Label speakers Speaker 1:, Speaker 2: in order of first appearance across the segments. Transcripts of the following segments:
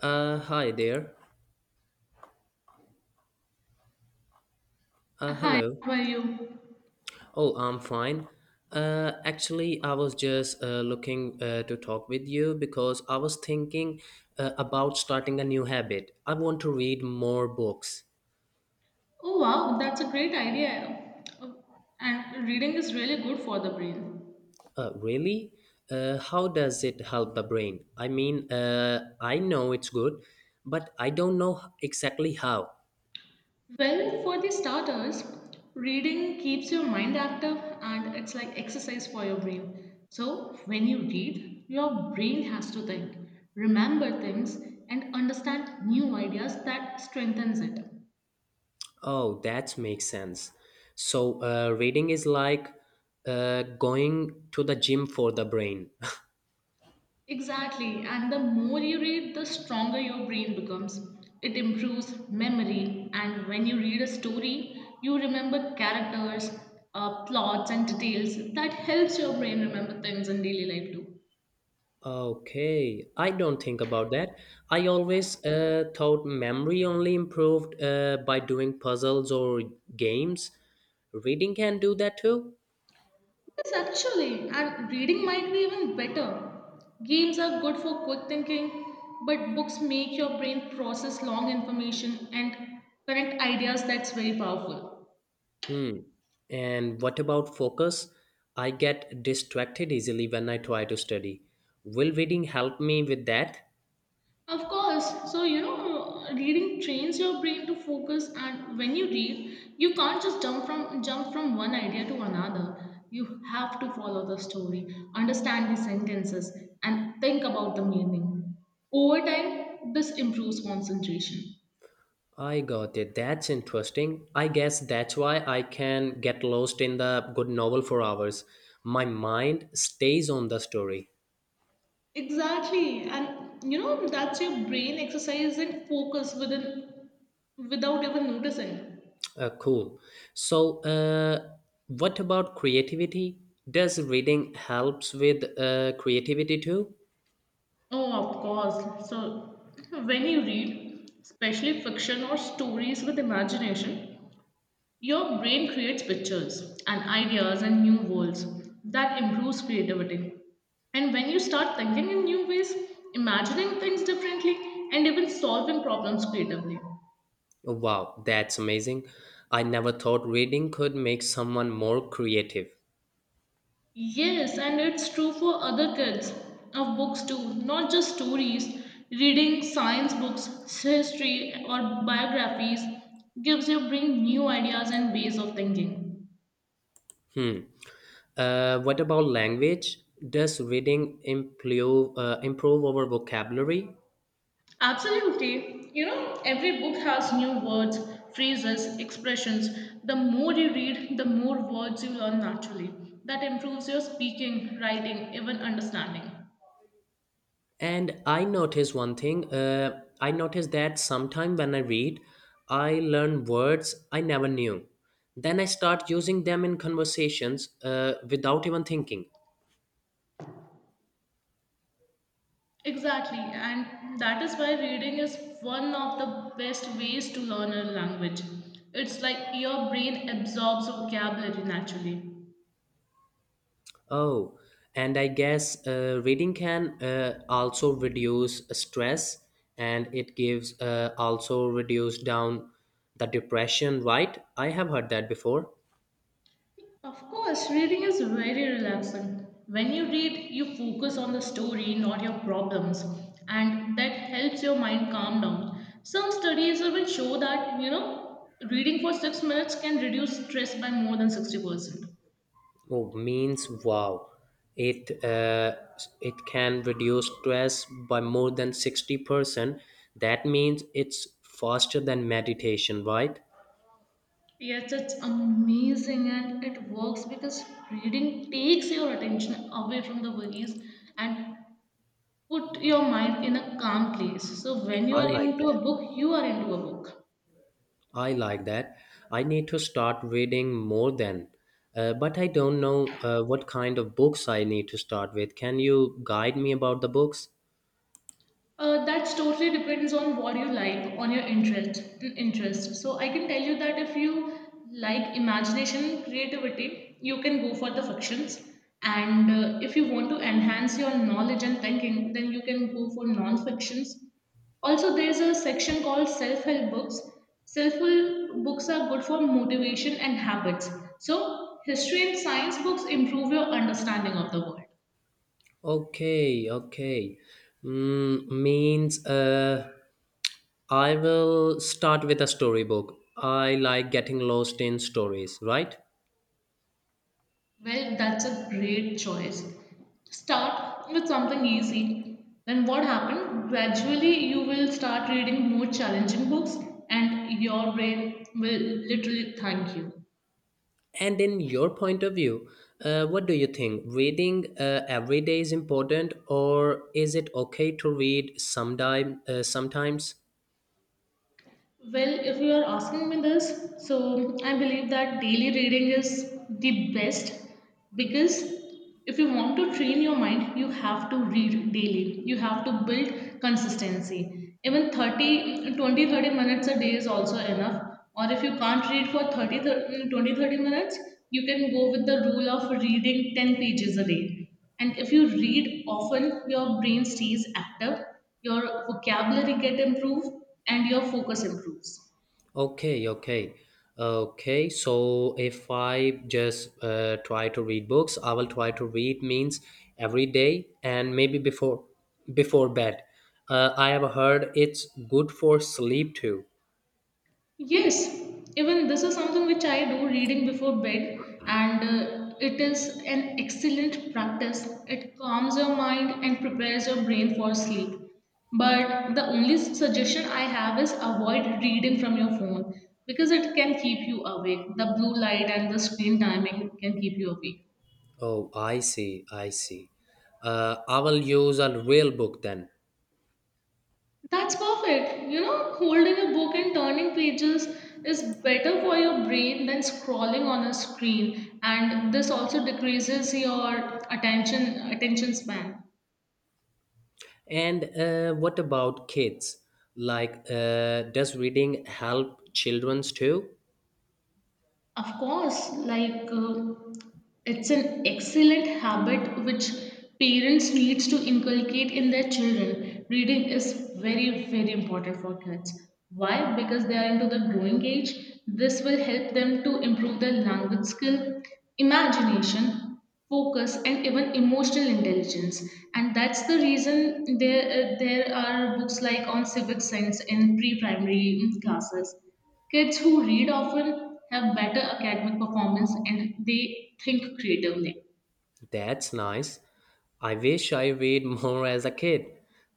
Speaker 1: Hi there. Uh,
Speaker 2: Hi,
Speaker 1: hello.
Speaker 2: how are you?
Speaker 1: Oh, I'm fine. Actually, I was just looking to talk with you because I was thinking about starting a new habit. I want to read more books.
Speaker 2: Oh wow, that's a great idea. Oh, And reading is really good for the brain.
Speaker 1: Really? How does it help the brain? I mean, I know it's good, but I don't know exactly how.
Speaker 2: Well, for the starters, reading keeps your mind active and it's like exercise for your brain. So, when you read, your brain has to think, remember things and understand new ideas that strengthens it.
Speaker 1: Oh, that makes sense. So, reading is like going to the gym for the brain.
Speaker 2: Exactly, and the more you read, the stronger your brain becomes. It improves memory, and when you read a story, you remember characters, plots, and details. That helps your brain remember things in daily life too.
Speaker 1: Okay, I don't think about that. I always thought memory only improved by doing puzzles or games. Reading can do that too.
Speaker 2: Yes, actually, and reading might be even better. Games are good for quick thinking, but books make your brain process long information and connect ideas that's very powerful.
Speaker 1: Hmm. And what about focus? I get distracted easily when I try to study. Will reading help me with that?
Speaker 2: Of course. So, you know, reading trains your brain to focus and when you read, you can't just jump from one idea to another. You have to follow the story, understand the sentences and think about the meaning. Over time, this improves concentration.
Speaker 1: I got it. That's interesting. I guess that's why I can get lost in the good novel for hours. My mind stays on the story.
Speaker 2: Exactly. And you know, that's your brain exercising focus within without even noticing.
Speaker 1: Cool. So, what about creativity? Does reading helps with creativity too?
Speaker 2: Oh, of course. So, when you read, especially fiction or stories with imagination, your brain creates pictures and ideas and new worlds that improves creativity. And when you start thinking in new ways, imagining things differently, and even solving problems creatively.
Speaker 1: Wow, that's amazing. I never thought reading could make someone more creative.
Speaker 2: Yes, and it's true for other kids of books too, not just stories. Reading science books, history, or biographies gives your brain new ideas and ways of thinking.
Speaker 1: Hmm. What about language? Does reading improve our vocabulary?
Speaker 2: Absolutely. You know, every book has new words, phrases, expressions. The more you read, the more words you learn naturally. That improves your speaking, writing, even understanding.
Speaker 1: And I notice one thing. I notice that sometime when I read, I learn words I never knew. Then I start using them in conversations without even thinking.
Speaker 2: Exactly, and that is why reading is one of the best ways to learn a language. It's like your brain absorbs vocabulary naturally.
Speaker 1: Oh, and I guess reading can also reduce stress, and it gives also reduce down the depression. Right? I have heard that before.
Speaker 2: Of course, reading is very relaxing. When you read, you focus on the story, not your problems, and that helps your mind calm down. Some studies even show that, you know, reading for 6 minutes can reduce stress by more than 60%.
Speaker 1: Oh, means wow. It uh, it can reduce stress by more than 60%. That means it's faster than meditation, right?
Speaker 2: Yes, it's amazing and it works because reading takes your attention away from the worries and put your mind in a calm place. So when you
Speaker 1: I
Speaker 2: are
Speaker 1: like
Speaker 2: into
Speaker 1: that.
Speaker 2: a book, you are into a book.
Speaker 1: I like that. I need to start reading more then. But I don't know what kind of books I need to start with. Can you guide me about the books?
Speaker 2: That's totally depends on what you like, on your interest. So I can tell you that if you like imagination, creativity, you can go for the fictions. And if you want to enhance your knowledge and thinking, then you can go for non-fictions. Also, there's a section called self-help books. Self-help books are good for motivation and habits. So history and science books improve your understanding of the world.
Speaker 1: Okay, okay. Mm, means I will start with a storybook. I like getting lost in stories, right?
Speaker 2: Well, that's a great choice. Start with something easy. Then what happened? Gradually, you will start reading more challenging books, and your brain will literally thank you.
Speaker 1: And in your point of view, what do you think? Reading every day is important, or is it okay to read sometime, sometimes?
Speaker 2: Well, if you are asking me this, so I believe that daily reading is the best because if you want to train your mind, you have to read daily. You have to build consistency. Even 30, 20, 30 minutes a day is also enough. Or if you can't read for 30, 30 20, 30 minutes, you can go with the rule of reading 10 pages a day. And if you read often, your brain stays active, your vocabulary get improved, and your focus improves.
Speaker 1: Okay, okay. Okay, so if I just try to read books, I will try to read means every day and maybe before bed. I have heard it's good for sleep too.
Speaker 2: Yes, even this is something which I do reading before bed, and it is an excellent practice. It calms your mind and prepares your brain for sleep. But the only suggestion I have is avoid reading from your phone because it can keep you awake. The blue light and the screen timing can keep you awake.
Speaker 1: Oh, I see, I see. I will use a real book then.
Speaker 2: That's perfect. You know, holding a book and turning pages is better for your brain than scrolling on a screen and this also decreases your attention span.
Speaker 1: And what about kids? Like, does reading help childrens too?
Speaker 2: Of course, like it's an excellent habit which parents needs to inculcate in their children. Reading is very important for kids. Why? Because they are into the growing age. This will help them to improve their language skill, imagination, focus, and even emotional intelligence. And that's the reason there are books like on civic science in pre-primary classes. Kids who read often have better academic performance and they think creatively.
Speaker 1: That's nice. I wish I read more as a kid.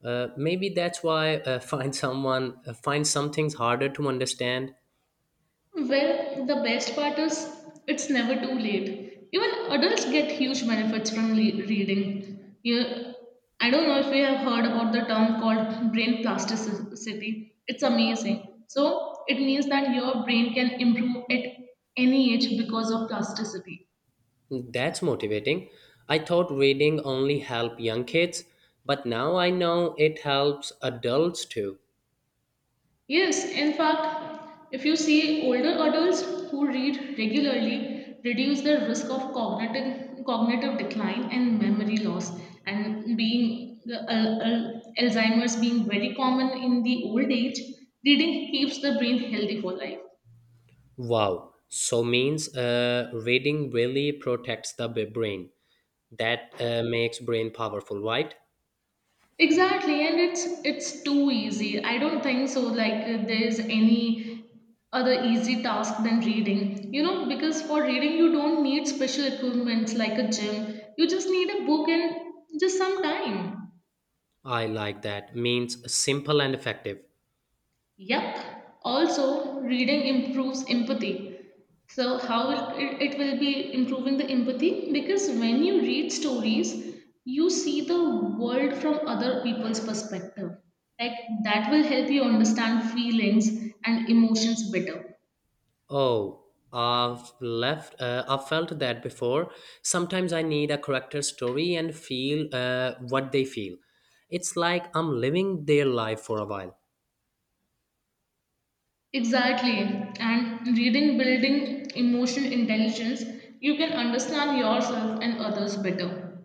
Speaker 1: Maybe that's why find someone find some things harder to understand.
Speaker 2: Well, the best part is it's never too late. Even adults get huge benefits from reading. You, I don't know if you have heard about the term called brain plasticity. It's amazing. So, it means that your brain can improve at any age because of plasticity.
Speaker 1: That's motivating. I thought reading only helped young kids, but now I know it helps adults too.
Speaker 2: Yes, in fact, if you see older adults who read regularly reduce their risk of cognitive decline and memory loss and being the Alzheimer's being very common in the old age, reading keeps the brain healthy for life.
Speaker 1: Wow. So means reading really protects the brain. That makes brain powerful, right?
Speaker 2: Exactly, and it's too easy. I don't think so. Like there's any other easy task than reading. You know, because for reading you don't need special equipments like a gym. You just need a book and just some time.
Speaker 1: I like that. Means simple and effective.
Speaker 2: Yup. Also, reading improves empathy. So, how it will be improving the empathy? Because when you read stories, you see the world from other people's perspective. Like, that will help you understand feelings and emotions better.
Speaker 1: Oh, I've left. I've felt that before. Sometimes I need a character story and feel what they feel. It's like I'm living their life for a while.
Speaker 2: Exactly. And reading, building emotional intelligence, you can understand yourself and others better.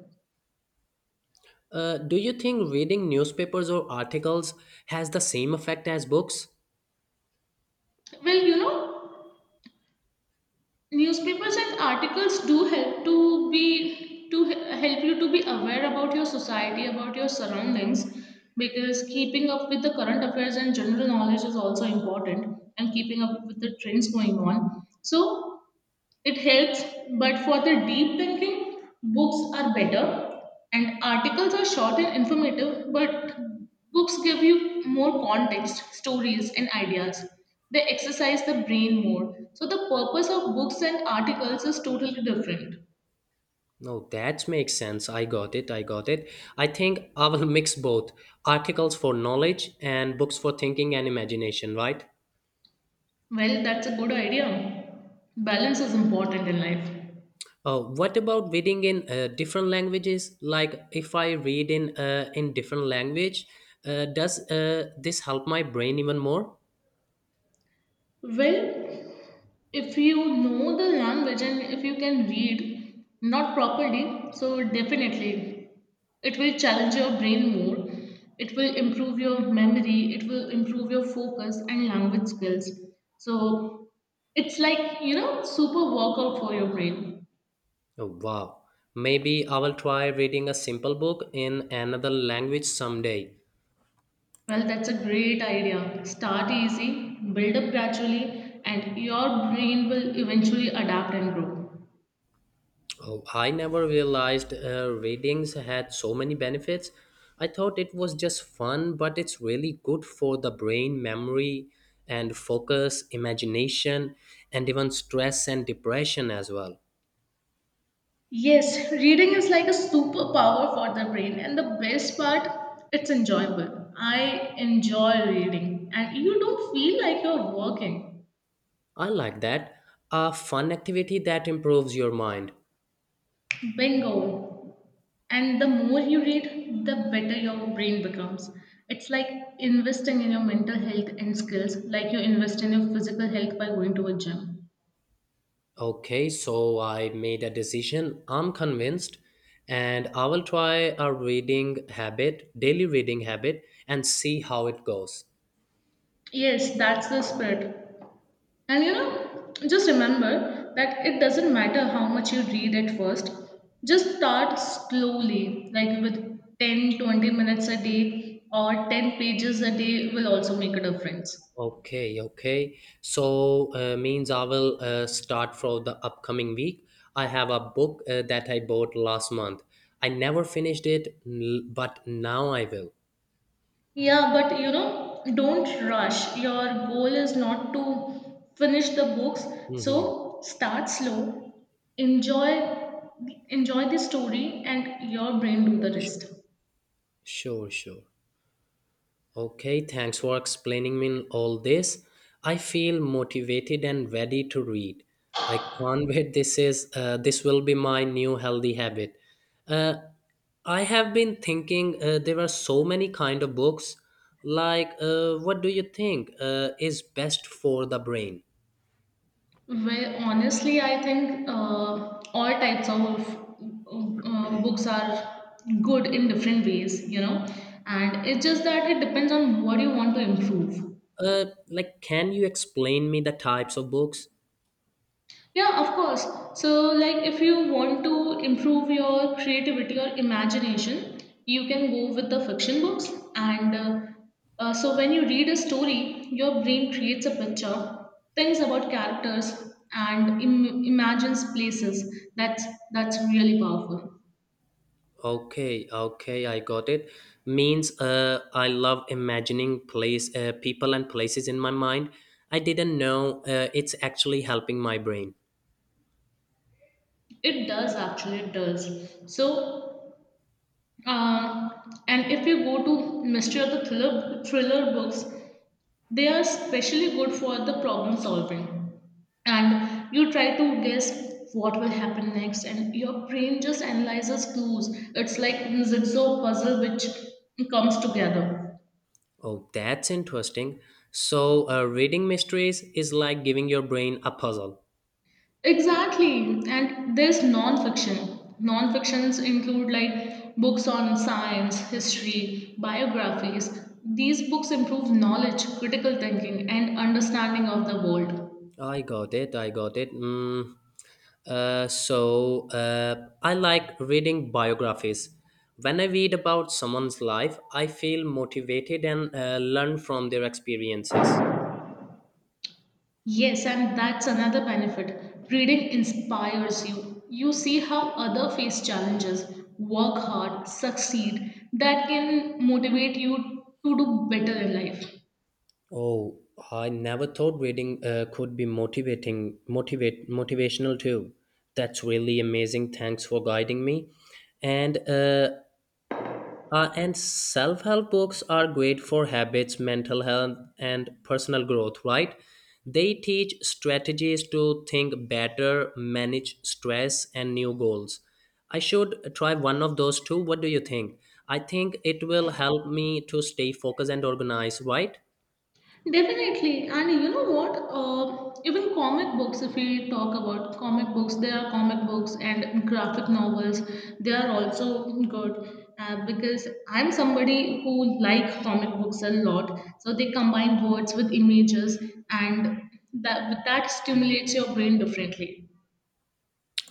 Speaker 1: Do you think reading newspapers or articles has the same effect as books?
Speaker 2: Well, you know, newspapers and articles do help to be to he- help you to be aware about your society about your surroundings because keeping up with the current affairs and general knowledge is also important and keeping up with the trends going on so it helps, but for the deep thinking, books are better and articles are short and informative, but books give you more context, stories, and ideas. They exercise the brain more. So, the purpose of books and articles is totally different.
Speaker 1: No, that makes sense. I got it. I got it. I think I will mix both articles for knowledge and books for thinking and imagination, right?
Speaker 2: Well, that's a good idea. Balance is important in life.
Speaker 1: What about reading in different languages? Like if I read in different language, does this help my brain even more?
Speaker 2: Well, if you know the language and if you can read not properly, so definitely it will challenge your brain more. It will improve your memory. It will improve your focus and language skills. So it's like, you know, super workout for your brain.
Speaker 1: Oh, wow. Maybe I will try reading a simple book in another language someday.
Speaker 2: Well, that's a great idea. Start easy, build up gradually, and your brain will eventually adapt and grow.
Speaker 1: Oh, I never realized readings had so many benefits. I thought it was just fun, but it's really good for the brain, memory, and focus, imagination, and even stress and depression as well.
Speaker 2: Yes, reading is like a superpower for the brain, and the best part, it's enjoyable. I enjoy reading, and you don't feel like you're working.
Speaker 1: I like that. A fun activity that improves your mind.
Speaker 2: Bingo. And the more you read, the better your brain becomes. It's like investing in your mental health and skills, like you invest in your physical health by going to a gym.
Speaker 1: Okay, so I made a decision. I'm convinced, and I will try a reading habit, daily reading habit, and see how it goes.
Speaker 2: Yes, that's the spirit. And you know, just remember that it doesn't matter how much you read at first. Just start slowly, like with 10, 20 minutes a day or 10 pages a day will also make a difference.
Speaker 1: Okay, okay. So means I will start for the upcoming week. I have a book that I bought last month. I never finished it, but now I will.
Speaker 2: Yeah, but you know, don't rush. Your goal is not to finish the books,
Speaker 1: Mm-hmm.
Speaker 2: so start slow. Enjoy enjoy the story and your brain do the
Speaker 1: Sure,
Speaker 2: rest.
Speaker 1: sure, sure. Okay, thanks for explaining me all this. I feel motivated and ready to read. I can't wait. This will be my new healthy habit. Uh, I have been thinking there are so many kind of books. Like, what do you think is best for the brain?
Speaker 2: Well, honestly, I think all types of books are good in different ways, you know, and it's just that it depends on what you want to improve.
Speaker 1: Like, can you explain me the types of books?
Speaker 2: Yeah, of course. So, like, if you want to improve your creativity or imagination, you can go with the fiction books. And so, when you read a story, your brain creates a picture, thinks about characters, and imagines places. That's that's really powerful.
Speaker 1: Okay, okay, I got it. Means I love imagining place, people and places in my mind. I didn't know it's actually helping my brain.
Speaker 2: It does actually, it does. So, um, and if you go to mystery or the thriller books, they are especially good for the problem solving and you try to guess what will happen next and your brain just analyzes clues. It's like zigzag puzzle which comes together.
Speaker 1: Oh, that's interesting. So, reading mysteries is like giving your brain a puzzle.
Speaker 2: Exactly, and there's non-fictions include like books on science, history, biographies. These books improve knowledge, critical thinking and understanding of the world.
Speaker 1: I got it. I got it. Mm. So I like reading biographies. When I read about someone's life, I feel motivated and learn from their experiences.
Speaker 2: Yes, and that's another benefit. Reading inspires you. You see how other face challenges, work hard, succeed. That can motivate you to do better in life.
Speaker 1: Oh, I never thought reading could be motivational too. That's really amazing. Thanks for guiding me. And And self help books are great for habits, mental health, and personal growth, right? They teach strategies to think better, manage stress, and new goals. I should try one of those two. What do you think? I think it will help me to stay focused and organized, right?
Speaker 2: Definitely, and you know what? Even comic books, if we talk about comic books, there are comic books and graphic novels. They are also good because I'm somebody who like comic books a lot. So they combine words with images, and that stimulates your brain differently.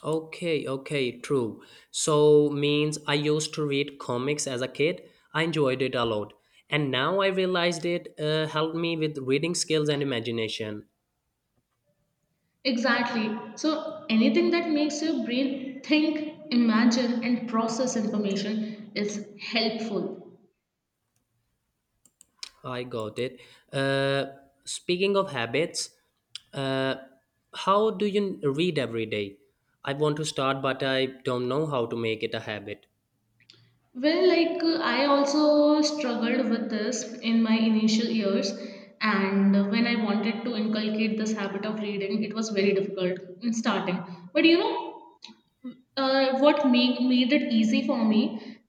Speaker 1: Okay, okay, true. So means I used to read comics as a kid. I enjoyed it a lot. And now I realized it helped me with reading skills and imagination.
Speaker 2: Exactly. So anything that makes your brain think, imagine, and process information is helpful.
Speaker 1: I got it. Uh, speaking of habits, uh, how do you read every day? I want to start, but I don't know how to make it a habit.
Speaker 2: Well, like I also struggled with this in my initial years, and when I wanted to inculcate this habit of reading, it was very difficult in starting. But what made it easy for me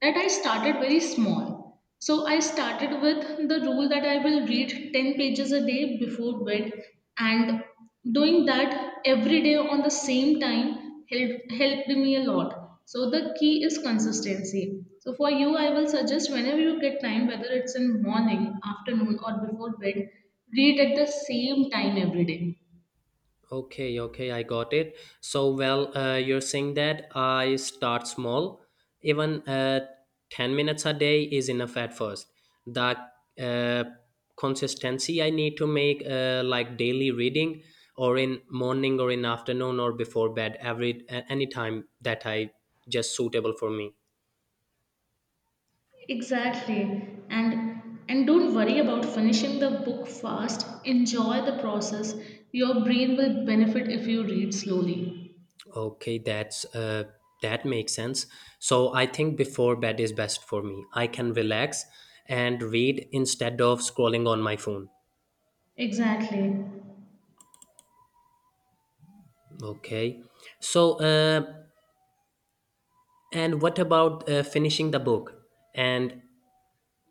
Speaker 2: that I started very small so I started with the rule that I will read 10 pages a day before bed and doing that every day on the same time helped me a lot. So the key is consistency. So for you I will suggest whenever you get time, whether it's in morning, afternoon, or before bed, read at the same time every day.
Speaker 1: Okay, okay, I got it. So, well, you're saying that I start small. Even 10 minutes a day is enough at first. The uh, consistency I need to make, like daily reading, or in morning, or in afternoon, or before bed, every any time that I just suitable for me.
Speaker 2: Exactly. And don't worry about finishing the book fast. Enjoy the process. Your brain will benefit if you read slowly.
Speaker 1: Okay, that's that makes sense. So I think before bed is best for me. I can relax and read instead of scrolling on my phone.
Speaker 2: Exactly.
Speaker 1: Okay. So and what about finishing the book? And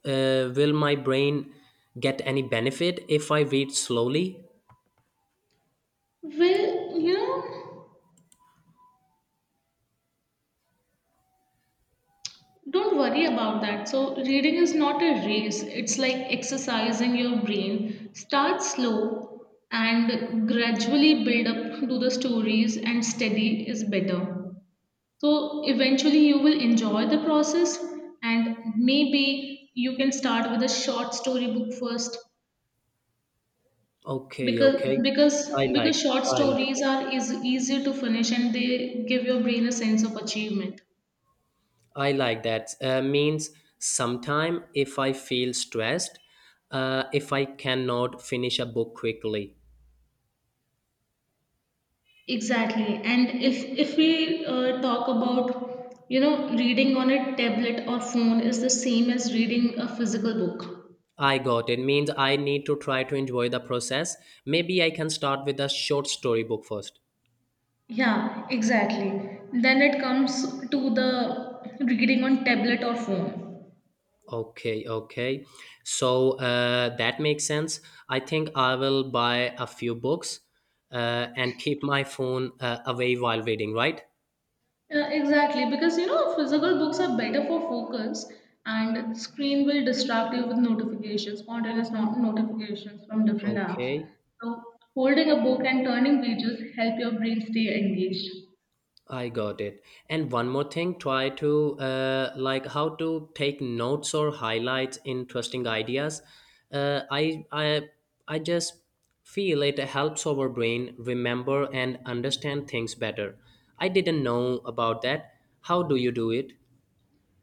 Speaker 1: will my brain get any benefit if I read slowly?
Speaker 2: Well, you know, don't worry about that. So reading is not a race. It's like exercising your brain. Start slow and gradually build up to the stories and steady is better. So eventually you will enjoy the process, and maybe you can start with a short story book first
Speaker 1: Okay,
Speaker 2: because
Speaker 1: okay.
Speaker 2: because
Speaker 1: I like
Speaker 2: because short
Speaker 1: I like
Speaker 2: stories are is easier to finish and they give your brain a sense of achievement.
Speaker 1: I like that. Means sometime if I feel stressed, if I cannot finish a book quickly.
Speaker 2: Exactly. And if we talk about reading on a tablet or phone is the same as reading a physical book.
Speaker 1: I got it. Means I need to try to enjoy the process. Maybe I can start with a short story book first.
Speaker 2: Yeah, exactly. Then it comes to the reading on tablet or phone.
Speaker 1: Okay, okay. So that makes sense. I think I will buy a few books and keep my phone away while reading, right?
Speaker 2: Yeah, exactly, because physical books are better for focus, and screen will distract you with notifications, spontaneous notifications from different apps.
Speaker 1: Okay.
Speaker 2: So holding a book and turning pages help your brain stay engaged.
Speaker 1: I got it. And one more thing, try to like how to take notes or highlight interesting ideas. Uh, I I I just feel it helps our brain remember and understand things better. I didn't know about that. How do you do it?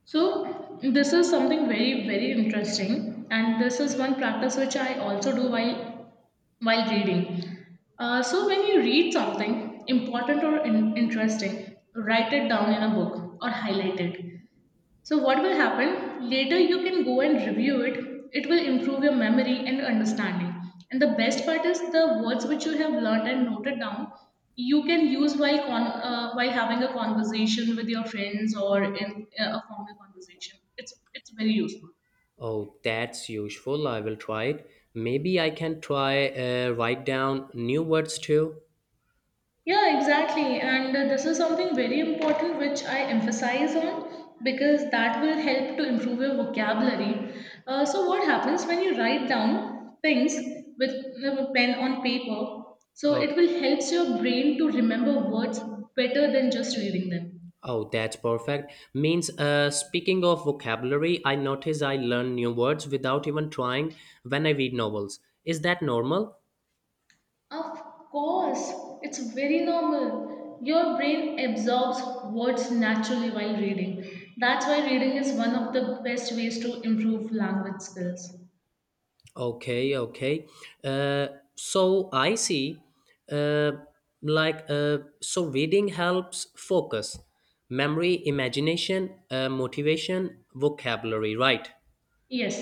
Speaker 2: So this is something very very interesting, and this is one practice which I also do while reading. So when you read something important or interesting, write it down in a book or highlight it. So, what will happen later, you can go and review it, it will improve your memory and understanding. And the best part is the words which you have learned and noted down, you can use while while having a conversation with your friends or in a formal conversation. It's very useful.
Speaker 1: Oh, that's useful. I will try it. Maybe I can try write down new words too.
Speaker 2: Yeah, exactly. And this is something very important which I emphasize on because that will help to improve your vocabulary. So, what happens when you write down things with a pen on paper? So, it
Speaker 1: Okay.
Speaker 2: will helps your brain to remember words better than just reading them.
Speaker 1: Oh, that's perfect. Means, speaking of vocabulary, I notice I learn new words without even trying when I read novels. Is that normal?
Speaker 2: Of course, it's very normal. Your brain absorbs words naturally while reading. That's why reading is one of the best ways to improve language skills.
Speaker 1: Okay, okay. Uh, so I see. Uh, like, so reading helps focus, memory, imagination, motivation, vocabulary, right?
Speaker 2: Yes.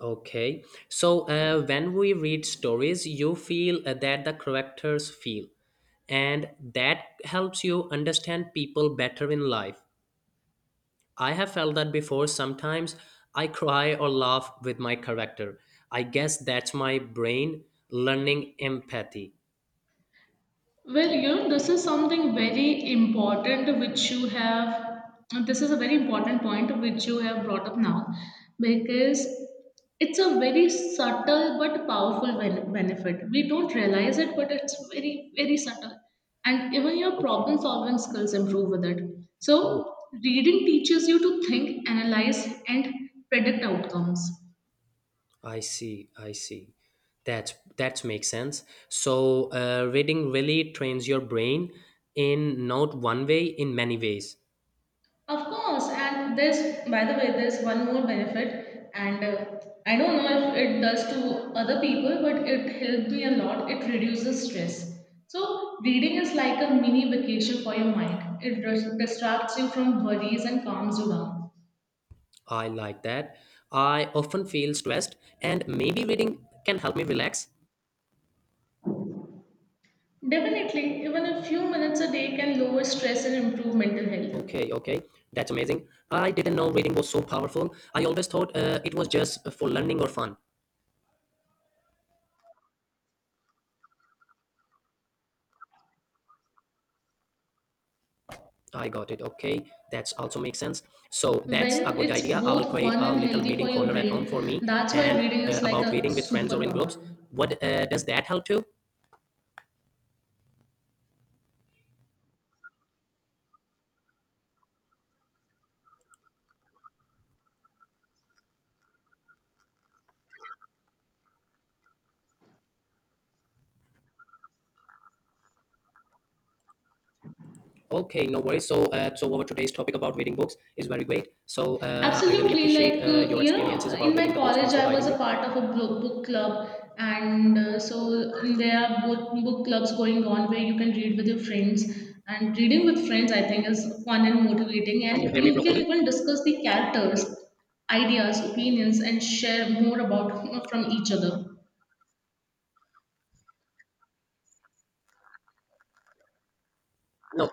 Speaker 1: Okay. So when we read stories, you feel that the characters feel, and that helps you understand people better in life. I have felt that before. Sometimes I cry or laugh with my character. I guess that's my brain learning empathy.
Speaker 2: This is something very important which you have, this is a very important point which you have brought up now because it's a very subtle but powerful benefit. We don't realize it, but it's very, very subtle. And even your
Speaker 1: Okay.
Speaker 2: problem solving skills improve with it.
Speaker 1: Oh,
Speaker 2: So, reading teaches you to think, analyze, and predict outcomes.
Speaker 1: I see. I see. That's that makes sense. So reading really trains your brain in not one way, in many ways.
Speaker 2: Of course, and there's, by the way, there's one more benefit, and I don't know if it does to other people, but it helped me a lot. It reduces stress. So, reading is like a mini vacation for your mind. It distracts you from worries and calms you down.
Speaker 1: I like that. I often feel stressed, and maybe reading can help me relax.
Speaker 2: Definitely, even a few minutes a day can lower stress and improve mental health.
Speaker 1: Okay, okay, that's amazing. I didn't know reading was so powerful. I always thought it was just for learning or fun. I got it. Okay, that's also makes sense. So that's a
Speaker 2: Well,
Speaker 1: good
Speaker 2: it's
Speaker 1: idea. I will
Speaker 2: both
Speaker 1: create
Speaker 2: fun
Speaker 1: a
Speaker 2: and
Speaker 1: little
Speaker 2: healthy for
Speaker 1: reading
Speaker 2: your
Speaker 1: corner at home
Speaker 2: brain.
Speaker 1: for me
Speaker 2: That's why
Speaker 1: and
Speaker 2: reading is like
Speaker 1: about
Speaker 2: a
Speaker 1: reading with friends or in groups.
Speaker 2: superpower.
Speaker 1: What does that help too? Okay, no worries. So, so our today's topic about reading books is very great. So, I really
Speaker 2: Absolutely.
Speaker 1: appreciate your experiences
Speaker 2: In
Speaker 1: about reading
Speaker 2: my
Speaker 1: the books.
Speaker 2: college,
Speaker 1: Thanks for
Speaker 2: I was
Speaker 1: guiding
Speaker 2: a
Speaker 1: me.
Speaker 2: part of a book club. And so there are both book clubs going on where you can read with your friends. And reading with friends, I think, is fun and motivating. And you can even discuss the characters, ideas, opinions, and share more about from each other.
Speaker 1: No, no